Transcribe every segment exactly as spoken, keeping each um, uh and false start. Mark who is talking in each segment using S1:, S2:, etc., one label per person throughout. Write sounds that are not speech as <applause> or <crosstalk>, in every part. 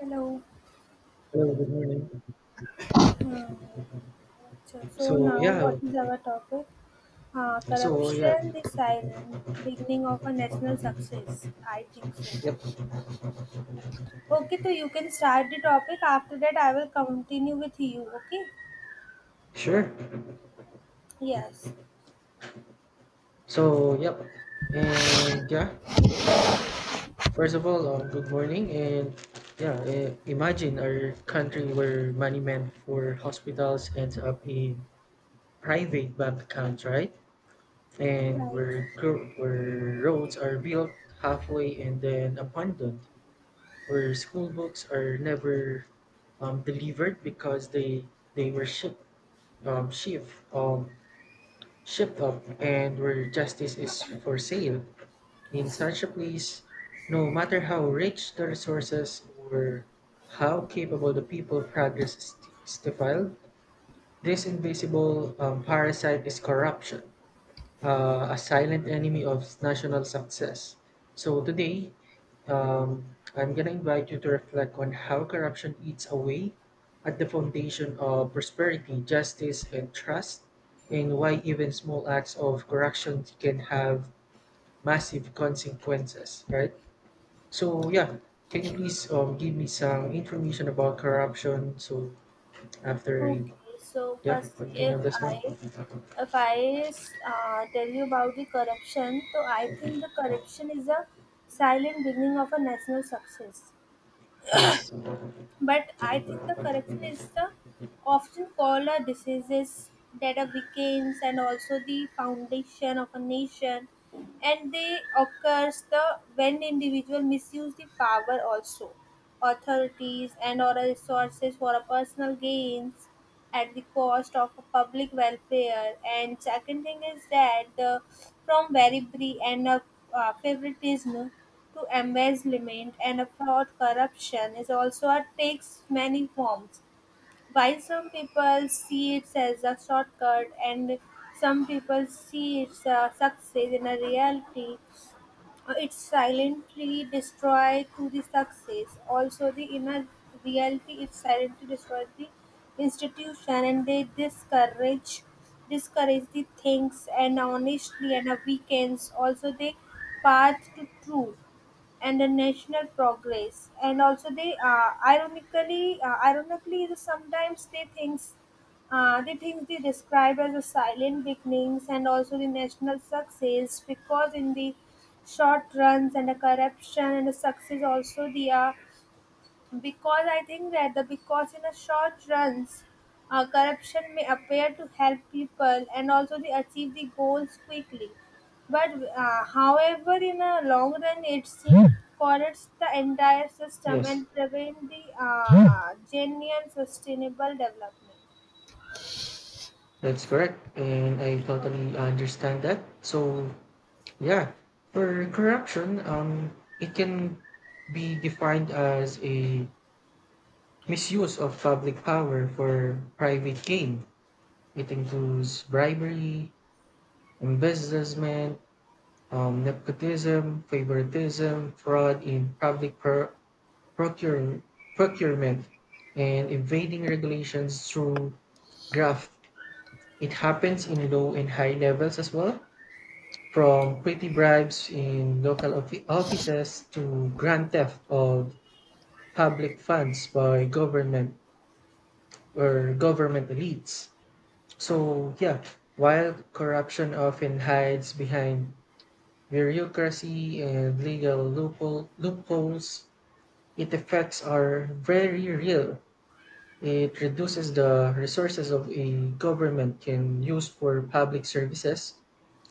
S1: Hello.
S2: Hello, good morning.
S1: Hmm, अच्छा, so
S2: So
S1: now
S2: yeah,
S1: what is our topic? Uh,
S2: so yeah,
S1: corruption, the silent beginning of a national success. I think so.
S2: yep,
S1: Okay, so you can start the topic. After that, I will continue with you. Okay?
S2: sure.
S1: Yes.
S2: So yep, and yeah. First of all, um, good morning, and yeah, uh, imagine our country where money meant for hospitals ends up in private bank accounts, right? And
S1: Right.
S2: where gro- where roads are built halfway and then abandoned, where school books are never um, delivered because they they were shipped um, shipped um, shipped up, and where justice is for sale. In such a place, no matter how rich the resources or how capable the people, progress is stifled. This invisible um, parasite is corruption, uh, a silent enemy of national success. So today, um, I'm going to invite you to reflect on how corruption eats away at the foundation of prosperity, justice, and trust, and why even small acts of corruption can have massive consequences, right? So, yeah, can you please um, give me some information about corruption? So, after, I-
S1: Okay. So
S2: yeah,
S1: firstly, if
S2: continue this one.
S1: I if I uh, tell you about the corruption, so I think the corruption is a silent beginning of a national success.
S2: Yes,
S1: But I think the corruption is the often called a diseases that are becomes and also the foundation of a nation, and they occurs the when individual misuse the power also authorities and or resources for a personal gains at the cost of public welfare. And second thing is that the from very brief and a uh, favoritism to embezzlement and a fraud, corruption is also uh, takes many forms. While some people see it as a shortcut and some people see it as success in a reality, uh, it silently destroy to the success. Also, the inner reality, it silently destroys the institution, and they discourage discourage the things and honestly and a weekends. Also, the path to truth and the national progress, and also they uh, ironically uh, ironically the- sometimes they things uh, the things they describe as the silent beginnings and also the national success, because in the short runs, and the corruption and the success also they are, because I think that the, because in a short runs, uh, corruption may appear to help people and also they achieve the goals quickly. But uh, however, in a long run, it seems corrupts the entire system
S2: yes.
S1: and prevent the uh, genuine sustainable development.
S2: That's correct, and I totally understand that. So, yeah, for corruption, um, it can be defined as a misuse of public power for private gain. It includes bribery, embezzlement, um, nepotism, favoritism, fraud in public pro- procure- procurement, and evading regulations through graft. It happens in low and high levels as well, from petty bribes in local offi- offices to grand theft of public funds by government or government elites. So, yeah, while corruption often hides behind bureaucracy and legal loophole, loopholes, its effects are very real. It reduces the resources of a government can use for public services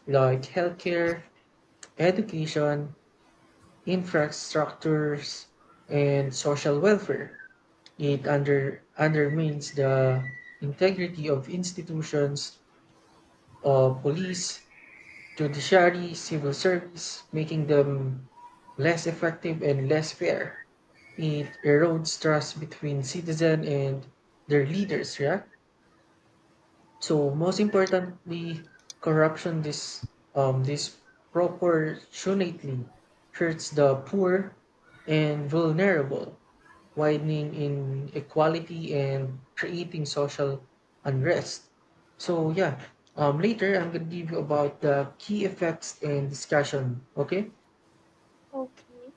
S2: like healthcare, education, infrastructures, and social welfare. It under, undermines the integrity of institutions of police, judiciary, civil service, making them less effective and less fair. It erodes trust between citizen and their leaders, yeah? So most importantly, corruption dis, um, disproportionately hurts the poor and vulnerable, widening inequality and creating social unrest. So yeah, um, later I'm gonna give you about the key effects and discussion. Okay?
S1: Okay.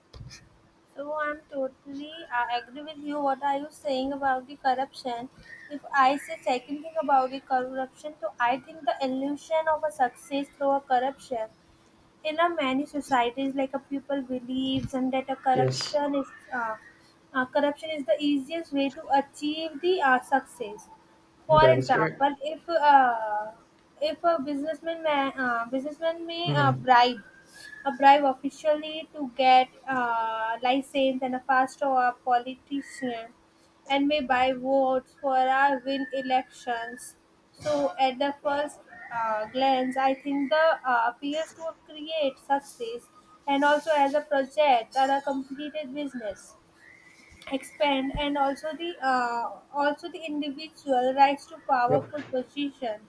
S1: So I'm totally I agree with you. What are you saying about the corruption? If I say second thing about the corruption, so I think the illusion of a success through a corruption in a many societies, like a people believes and that a
S2: Yes,
S1: corruption is uh, uh, corruption is the easiest way to achieve the uh, success. For
S2: that is correct.
S1: example, if uh, if a businessman may, uh, businessman may uh,
S2: Mhm.
S1: bribe a bribe officially to get uh, license and a fast, or a politician and may buy votes for a win elections. So, at the first uh, glance, I think the uh, appeals to create success, and also as a project or a completed business expand, and also the uh, also the individual rights to
S2: Yep.
S1: powerful position.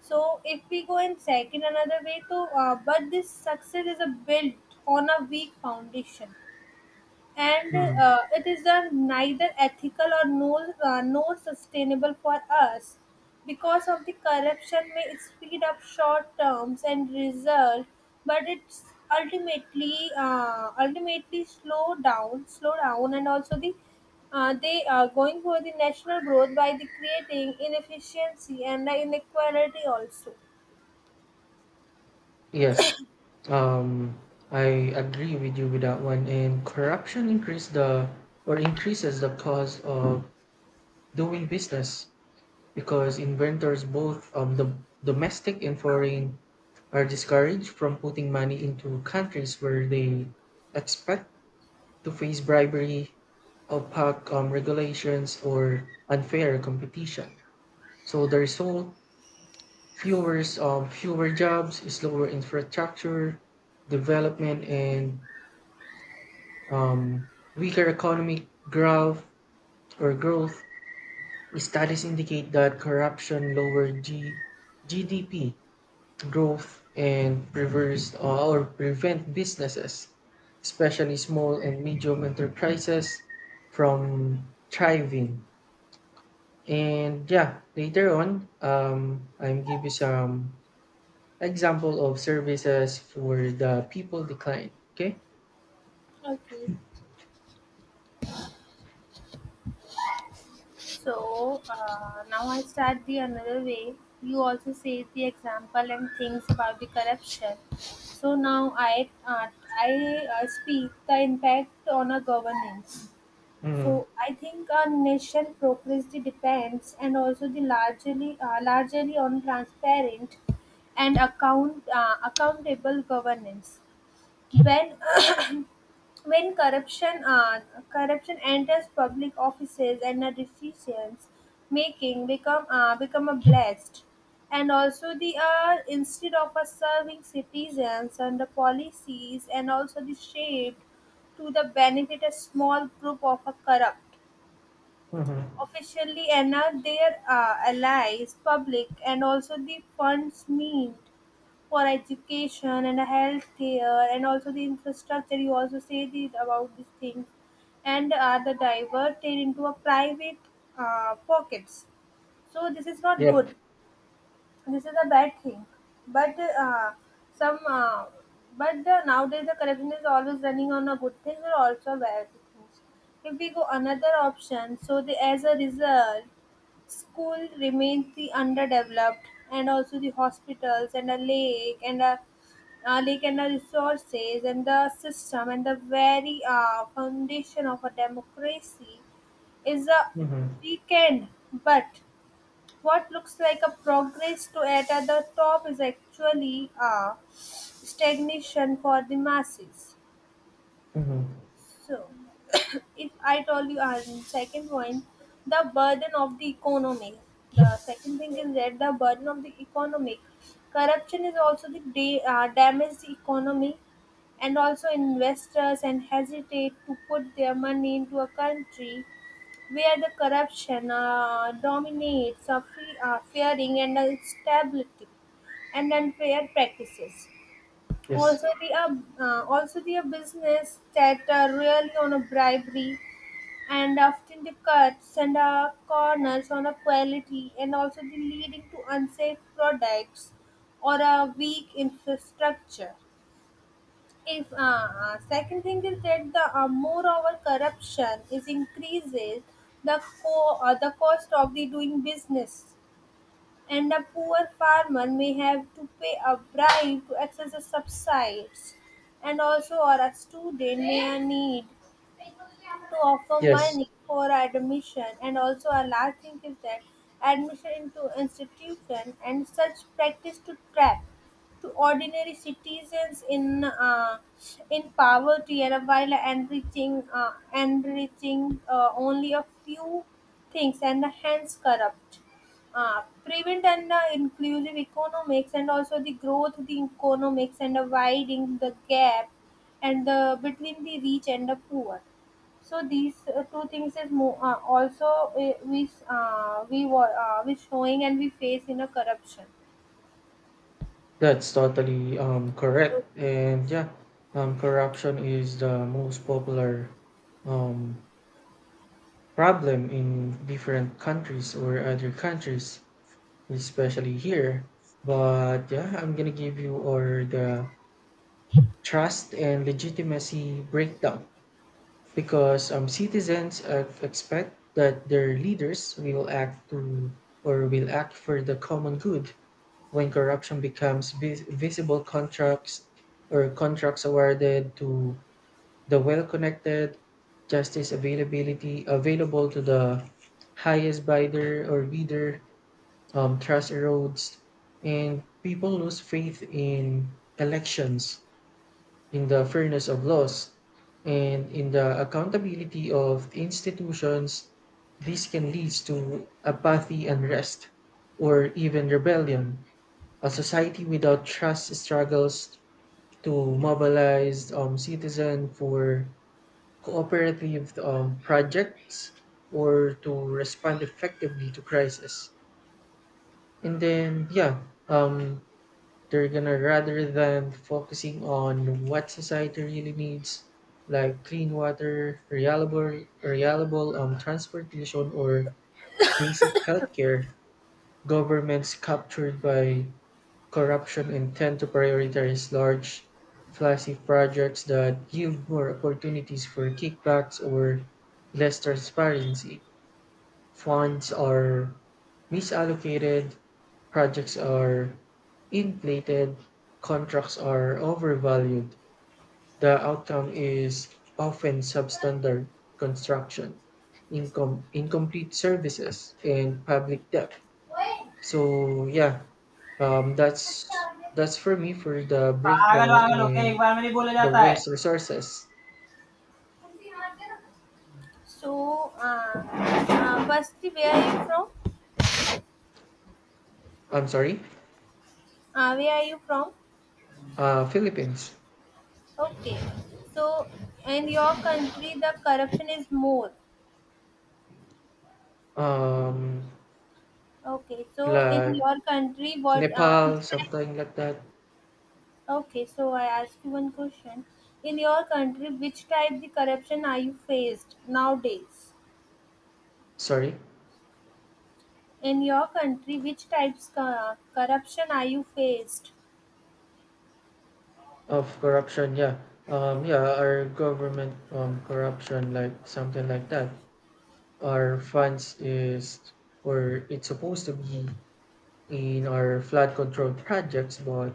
S1: So if we go in second another way to uh, but this success is a built on a weak foundation, and
S2: Mhm.
S1: uh, it is, uh, neither ethical or no, uh, nor sustainable for us. Because of the corruption may speed up short terms and result, but it's ultimately uh, ultimately slow down slow down, and also the uh, they are going for the national growth by the creating inefficiency and the inequality also.
S2: Yes. Um, I agree with you with that one. And corruption increase the or increases the cost of doing business because inventors, both um, the domestic and foreign, are discouraged from putting money into countries where they expect to face bribery, opaque um, regulations, or unfair competition. So the result: fewer um, fewer jobs, slower infrastructure development, and um, weaker economic growth or growth studies indicate that corruption lowered G- GDP growth and reversed, uh, or prevent businesses, especially small and medium enterprises, from thriving. And yeah, later on, um, I'm give you some example of services for the people decline. Okay.
S1: Okay. So uh, now I start the another way. You also say the example and things about the corruption. So now I uh, I uh, speak the impact on a governance.
S2: Mm-hmm.
S1: So I think our nation progress the depends, and also the largely uh, largely on transparent and account uh, accountable governance. When when corruption uh, corruption enters public offices, and the decisions making become uh, become a blast, and also the uh, instead of uh, serving citizens, and the policies, and also the shaped to the benefit a small group of a corrupt
S2: Mm-hmm.
S1: officially and uh, their uh, allies public, and also the funds mean for education and healthcare, and also the infrastructure. You also say these about these things, and are the diverted into a private uh, pockets. So this is not
S2: Yep.
S1: good, this is a bad thing. But uh, some uh, but the, nowadays the corruption is always running on a good thing or also bad things. If we go another option, so the as a result, school remains the underdeveloped, and also the hospitals and a lake, and a, a lake and the resources, and the system, and the very uh, foundation of a democracy is a
S2: Mm-hmm.
S1: weekend. But what looks like a progress to at the top is actually a stagnation for the masses.
S2: Mm-hmm.
S1: So if I told you, our second point, the burden of the economy. The second thing is that the burden of the economy. Corruption is also the da- uh, damage the economy, and also investors and hesitate to put their money into a country where the corruption uh, dominates, uh, fe- uh, fearing and instability and unfair practices.
S2: Yes.
S1: Also, the uh, uh, also the business that uh, really on a bribery, and often the cuts and uh, corners on a quality, and also the leading to unsafe products or a weak infrastructure. If uh, uh, Second thing is that the uh, more our corruption is increases, the co- uh, the cost of the doing business, and a poor farmer may have to pay a bribe to access the subsides, and also or a student may need to offer
S2: Yes,
S1: money for admission, and also a last thing is that admission into institution, and such practice to trap to ordinary citizens in uh, in poverty, and while enriching uh, enriching uh, only a few things, and hence corrupt uh, prevent and uh, inclusive economics, and also the growth the economics, and uh, widening the gap and the between the rich and the poor. So these uh, two things is more uh, also uh, we uh, we wa- uh, we showing and we face in a corruption.
S2: that's totally um, correct. And yeah, um, corruption is the most popular um, problem in different countries or other countries, especially here. But yeah, I'm gonna give you or the trust and legitimacy breakdown because um, citizens uh, expect that their leaders will act to or will act for the common good. When corruption becomes vis- visible, contracts or contracts awarded to the well-connected, justice availability available to the highest bidder or bidder, um, trust erodes and people lose faith in elections, in the fairness of laws, and in the accountability of institutions. This can lead to apathy, unrest, or even rebellion. A society without trust struggles to mobilize um, citizens for cooperative um, projects or to respond effectively to crisis. And then, yeah, um, they're gonna rather than focusing on what society really needs, like clean water, reliable, reliable um, transportation, or basic healthcare, governments captured by corruption and tend to prioritize large, flashy projects that give more opportunities for kickbacks or less transparency. Funds are misallocated, projects are inflated, contracts are overvalued. The outcome is often substandard construction, incom- incomplete services, and public debt. So yeah, um, that's that's for me for the
S1: पागल
S2: breakdown
S1: वागल होके एक
S2: and
S1: बार में नहीं बोला
S2: the
S1: जाता है.
S2: waste resources.
S1: So, uh, uh, Basti, where are you from?
S2: I'm sorry,
S1: Uh, where are you from?
S2: uh, Philippines,
S1: Okay. So, in your country, the corruption is more.
S2: um,
S1: Okay. So, in
S2: like
S1: your country, what uh, which
S2: Nepal,
S1: type?
S2: something like that.
S1: Okay. So, I ask you one question. In your country, which type the corruption are you faced nowadays?
S2: Sorry,
S1: In your country, which types co- corruption are you faced?
S2: of corruption. Yeah, um, yeah, our government um corruption, like something like that. Our
S1: Okay.
S2: funds is or it's supposed to be in our flood control projects, but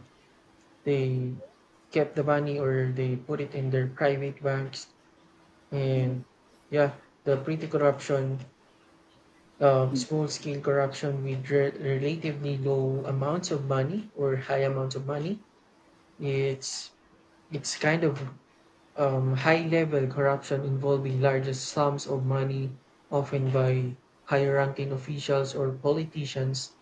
S2: they kept the money or they put it in their private banks,
S1: Yes.
S2: and yeah, the pretty corruption, uh, small scale corruption with re- relatively low amounts of money or high amounts of money. it's it's kind of um, high level corruption involving larger sums of money, often by higher ranking officials or politicians.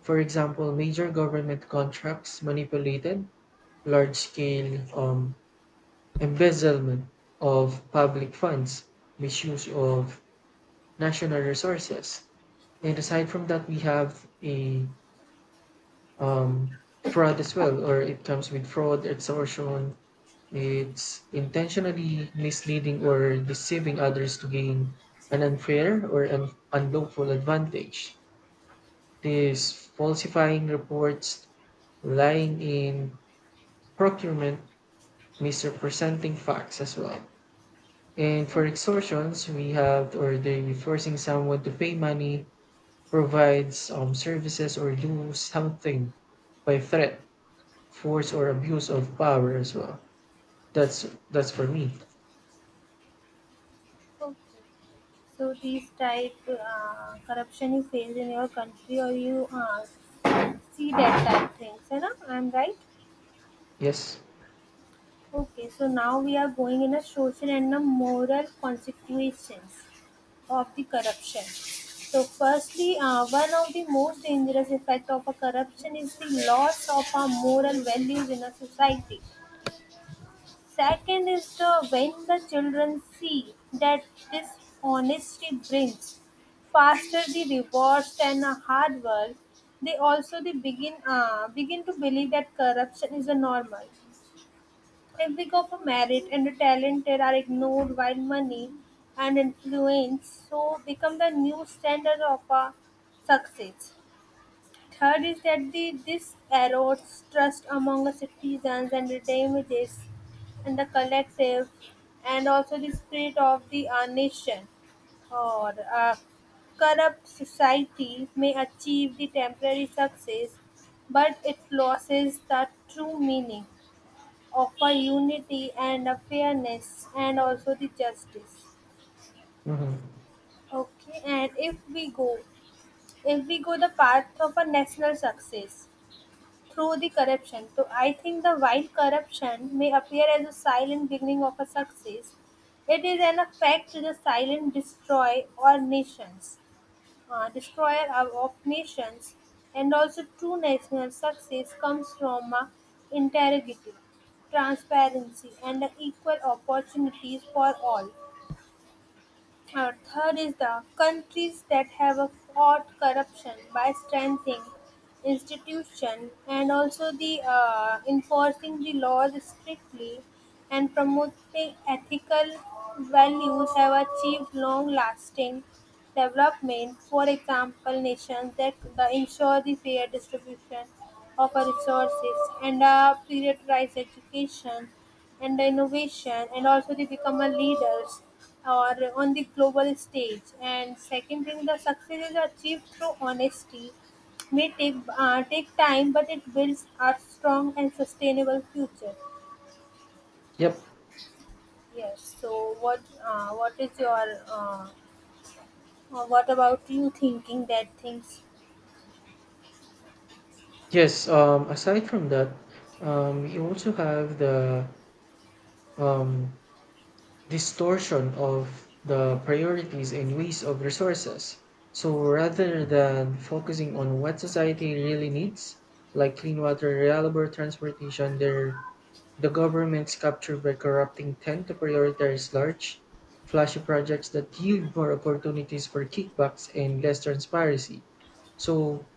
S2: For example, major government contracts manipulated, large scale um, embezzlement of public funds, misuse of national resources. And aside from that, we have a um, fraud as well, or it comes with fraud, extortion. It's intentionally misleading or deceiving others to gain an unfair or an unlawful advantage. This falsifying reports, lying in procurement, misrepresenting facts as well. And for extortions, we have or they forcing someone to pay money, provides um, services, or do something by threat, force, or abuse of power as well. That's that's for me.
S1: Okay. So these type uh, corruption you face in your country, or you uh, see that type things, you know? I'm right.
S2: Yes.
S1: Okay, so now we are going in a social and a moral consequences of the corruption. So firstly, uh, one of the most dangerous effect of a corruption is the loss of our moral values in a society. Second is the when the children see that this honesty brings faster the rewards than a hard work, they also they begin uh, begin to believe that corruption is a normal. If we go for merit and the talented are ignored, while money and influence so become the new standard of a success. Third is that the, this erodes trust among the citizens, and damages and the collective, and also the spirit of the uh, nation or a corrupt society may achieve the temporary success, but it loses the true meaning of a unity and a fairness, and also the justice.
S2: Mm-hmm.
S1: Okay. And if we go if we go the path of a national success through the corruption. So I think the while corruption may appear as a silent beginning of a success, it is an effect to the silent destroy or nations, uh, destroyer of, of nations, and also true national success comes from a integrity, transparency, and equal opportunities for all. Uh, third is the countries that have uh, fought corruption by strengthening institution, and also the uh, enforcing the laws strictly, and promoting ethical values have achieved long lasting development. For example, nations that ensure the fair distribution of our resources, and uh, prioritize education and innovation, and also they become a leaders or on the global stage. And second thing, the success is achieved through honesty may take uh, take time, but it builds a strong and sustainable future.
S2: Yep.
S1: Yes. So what uh, what is your uh, uh, what about you thinking that things?
S2: Yes. Um. Aside from that, um, we also have the um distortion of the priorities and ways of resources. So rather than focusing on what society really needs, like clean water, reliable transportation, there the governments captured by corrupting tend to prioritize large, flashy projects that yield more opportunities for kickbacks and less transparency. So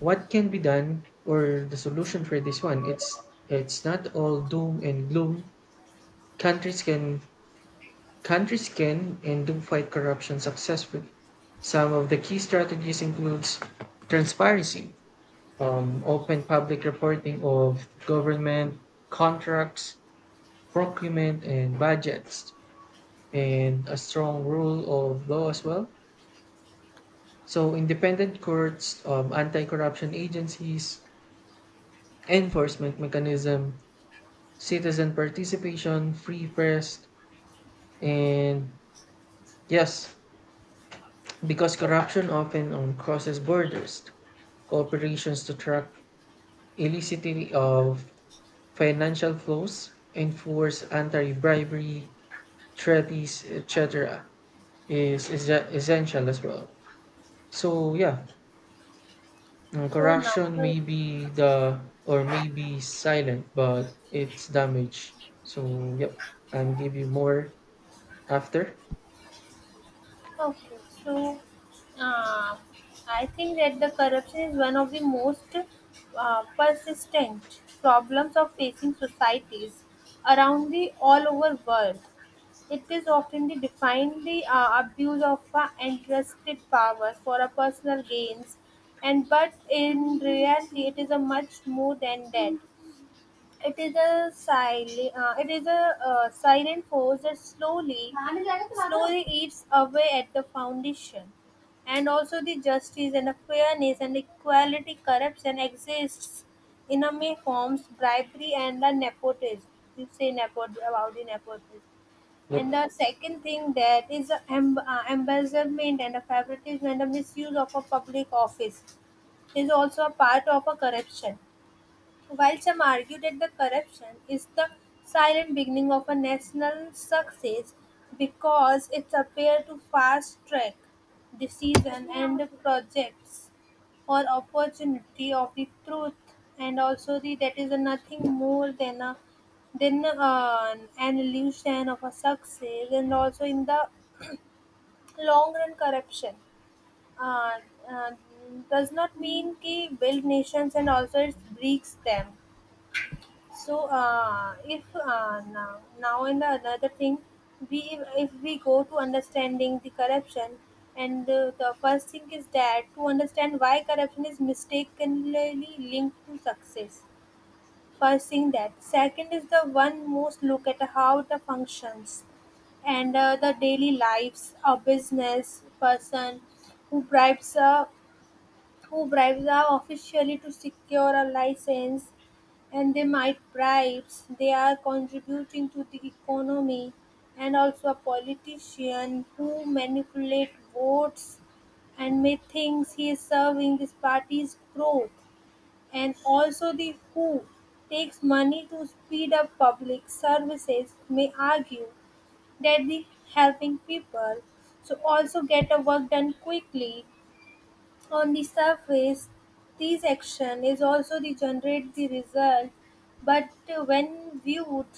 S2: what can be done or the solution for this one? It's it's not all doom and gloom. Countries can Countries can and do fight corruption successfully. Some of the key strategies includes transparency, um, open public reporting of government contracts, procurement, and budgets, and a strong rule of law as well. So independent courts, um, anti-corruption agencies, enforcement mechanism, citizen participation, free press, and yes, because corruption often um, crosses borders, corporations to track illicit of financial flows, enforce anti-bribery treaties, et cetera, is, is essential as well. So yeah, um,
S1: So
S2: corruption
S1: number,
S2: may be the or may be silent, but it's damage. So yep, I'm give you more after.
S1: okay. So uh, I think that the corruption is one of the most uh, persistent problems of facing societies around the all over world. It is often the defined the uh, abuse of uh, entrusted powers for a personal gains, and but in reality, it is a much more than that. It is a silent, uh, it is a uh, silent force that slowly, slowly eats away at the foundation, and also the justice and the fairness and equality. Corruption exists in a many forms, bribery and the nepotism. You say nepot about the nepotism. And the
S2: Yep,
S1: second thing that is the em- uh, embezzlement and the favoritism and the misuse of a public office is also a part of a corruption, while some argue that the corruption is the silent beginning of a national success because it appeared to fast track decision and projects or opportunity of the truth, and also the that is nothing more than a than uh, an illusion of a success, and also in the long run corruption uh, uh, does not mean ki build nations, and also it breaks them. So uh, if uh, now now in the another thing, we if we go to understanding the corruption, and the, the first thing is that to understand why corruption is mistakenly linked to success. First thing that second is the one most look at how the functions and uh, the daily lives of business person who bribes a who bribes are officially to secure a license, and they might bribes they are contributing to the economy, and also a politician who manipulate votes and may thinks he is serving his party's growth, and also the who takes money to speed up public services may argue that the helping people so also get a work done quickly. On the surface, this action is also the generate the result, but uh, when viewed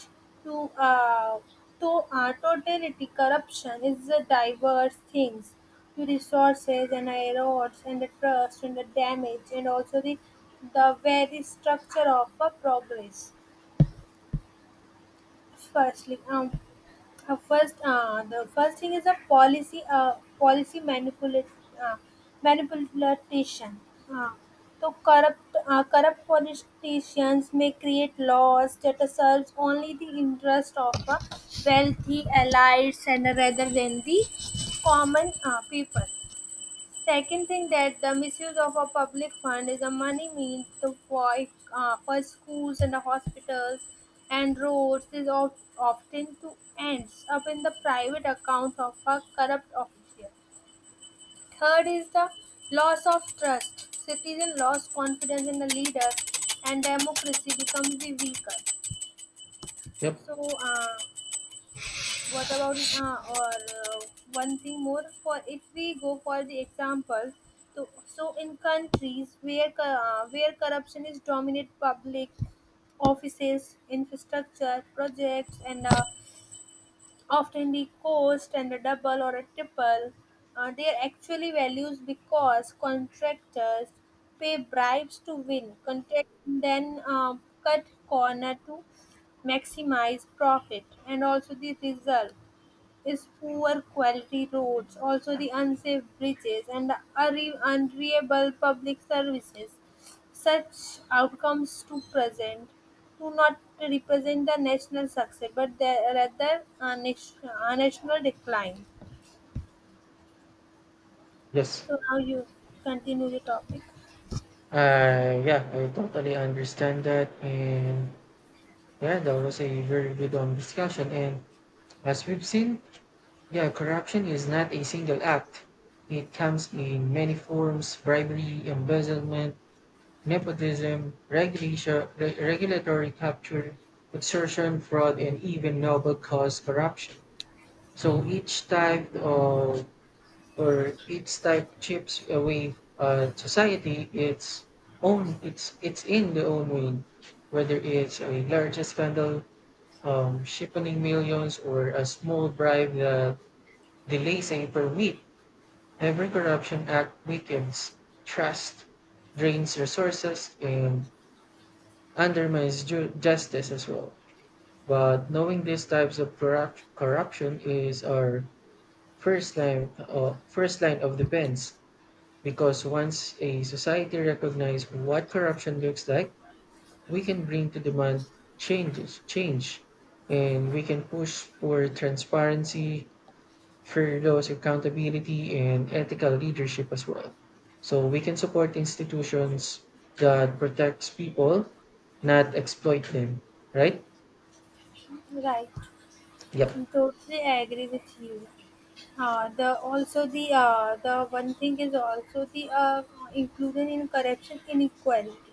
S1: to uh, to uh, totality, corruption is a diverse things to resources and erodes and the trust and the damage, and also the the very structure of a progress. Firstly, um, uh, first uh, the first thing is a policy uh, policy manipula- uh, manipulation. Uh, so corrupt uh, corrupt politicians may create laws that serves only the interest of uh, wealthy elites, and rather than the common uh, people. Second thing that the misuse of a public fund is a money means to for, uh, for schools and the hospitals and roads is of, often to ends up in the private accounts of a corrupt official. Third is the loss of trust. Citizen lost confidence in the leader, and democracy becomes the weaker.
S2: yep,
S1: So uh, What about uh, or uh, one thing more, for if we go for the example, to, so in countries where co- uh, where corruption is dominate public offices, infrastructure projects, and uh, often the cost and a double or a triple uh, their actually values, because contractors pay bribes to win contract, then uh, cut corner to maximize profit, and also the result is poor quality roads, also the unsafe bridges, and the unre- unreliable public services. Such outcomes to present do not represent the national success, but they are rather a, nation, a national decline.
S2: yes.
S1: So now you continue the topic.
S2: Uh, yeah, I totally understand that, and yeah, that was a very good um, discussion. And as we've seen, yeah, corruption is not a single act. It comes in many forms: bribery, embezzlement, nepotism, regulation, re- regulatory capture, extortion, fraud, and even noble cause corruption. So each type of or each type chips away uh, society its own. It's it's in the own way, whether it's a large scandal, um, shipping millions or a small bribe that delays a per week. Every corruption act weakens trust, drains resources, and undermines ju- justice as well. But knowing these types of corrupt- corruption is our first line, uh, first line of defense. Because once a society recognizes what corruption looks like, we can bring to demand changes, change, and we can push for transparency, for those accountability, and ethical leadership as well. So we can support institutions that protects people, not exploit them. Right?
S1: Right.
S2: Yep.
S1: I am totally agree with you. Uh, the also the uh, the one thing is also the uh, inclusion in corruption inequality,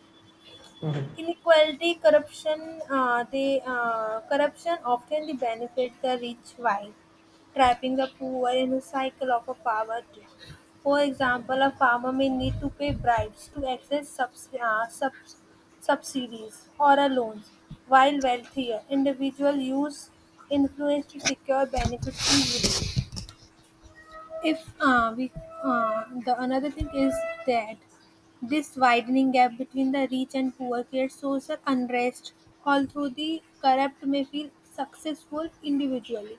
S2: Hmm.
S1: inequality, corruption, uh, the uh, corruption often the benefit the rich while trapping the poor in a cycle of a poverty. For example, a farmer may need to pay bribes to access subs- uh, subs- subsidies or a loans, while wealthier individuals use influence to secure benefits to youth. If uh, we uh, the another thing is that this widening gap between the rich and poor creates social unrest. Although the corrupt may feel successful individually,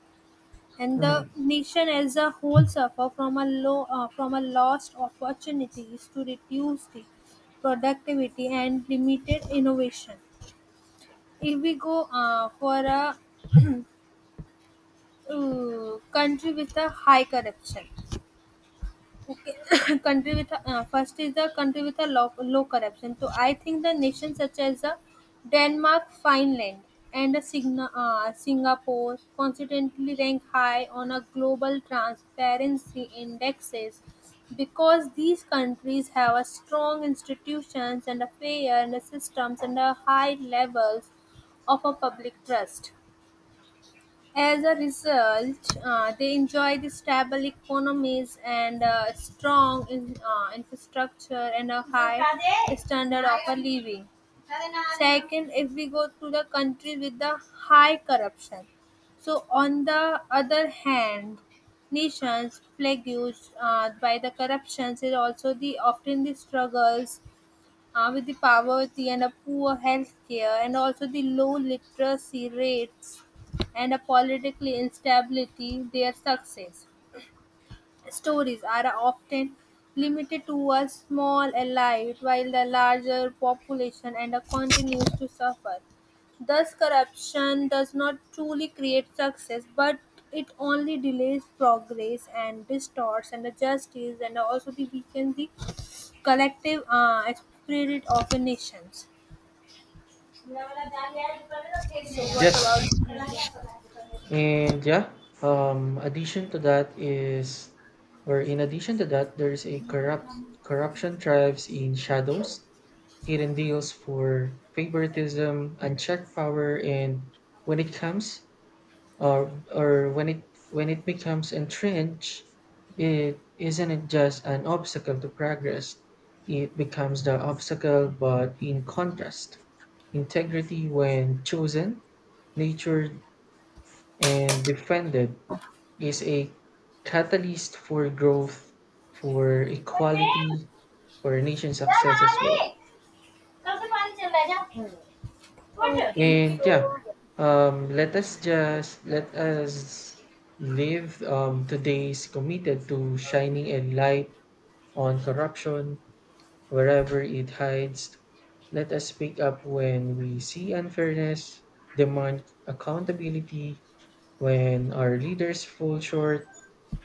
S1: and the
S2: Hmm.
S1: nation as a whole suffer from a low uh, from a lost opportunities to reduce the productivity and limited innovation. If we go uh, for a uh, country with a high corruption. <laughs> Okay, <coughs> country with a- uh, first is the country with a low, low corruption. So I think the nations such as the Denmark, Finland, and the Signa, uh, Singapore constantly rank high on a global transparency indexes, because these countries have a strong institutions and a fair and a systems and a high levels of a public trust. As a result, uh, they enjoy the stable economies, and uh, strong in, uh, infrastructure, and a high standard of a living. Second, if we go to the country with the high corruption. So, on the other hand, nations plagued uh, by the corruptions is also the often the struggles uh, with the poverty and a poor health care, and also the low literacy rates and a political instability. Their success stories are often limited to a small elite, while the larger population and uh, continues to suffer. Thus, corruption does not truly create success, but it only delays progress and distorts and the justice and also the weakens the collective uh, spirit of a nation. Okay, right.
S2: Yes. And yeah, um, addition to that is, or in addition to that, there's a corrupt corruption thrives in shadows, hidden deals for favoritism, unchecked power, and when it comes or or when it when it becomes entrenched, it isn't it just an obstacle to progress, it becomes the obstacle. But in contrast, integrity, when chosen, nurtured, and defended, is a catalyst for growth, for
S1: Okay.
S2: equality, for nation success as well.
S1: Okay.
S2: And yeah, um, let us just let us live um, today's committed to shining a light on corruption wherever it hides. Let us speak up when we see unfairness, demand accountability when our leaders fall short,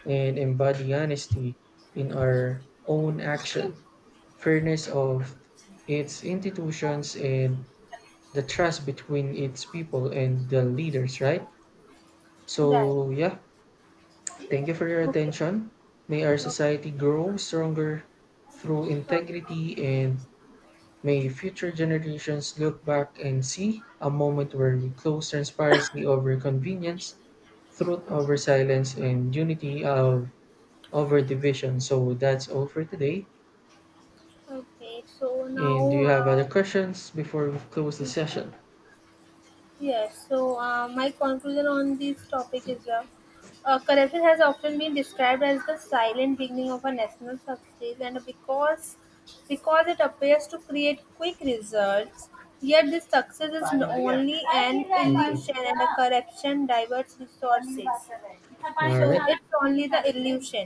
S2: and embody honesty in our own action, fairness of its institutions, and the trust between its people and the leaders, right? So, yeah, thank you for your attention. May our society grow stronger through integrity, and may future generations look back and see a moment where we close transparency over convenience, truth over silence, and unity of over division. So that's all for today.
S1: Okay. So
S2: And do
S1: now.
S2: you have other
S1: Uh,
S2: questions before we close the session?
S1: Yes, so uh, my conclusion on this topic is uh, uh, corruption has often been described as the silent beginning of a national success, and because because it appears to create quick results, yet this success is n- only an
S2: Okay.
S1: illusion, and a corruption diverts resources.
S2: All
S1: So
S2: right.
S1: it's only the illusion.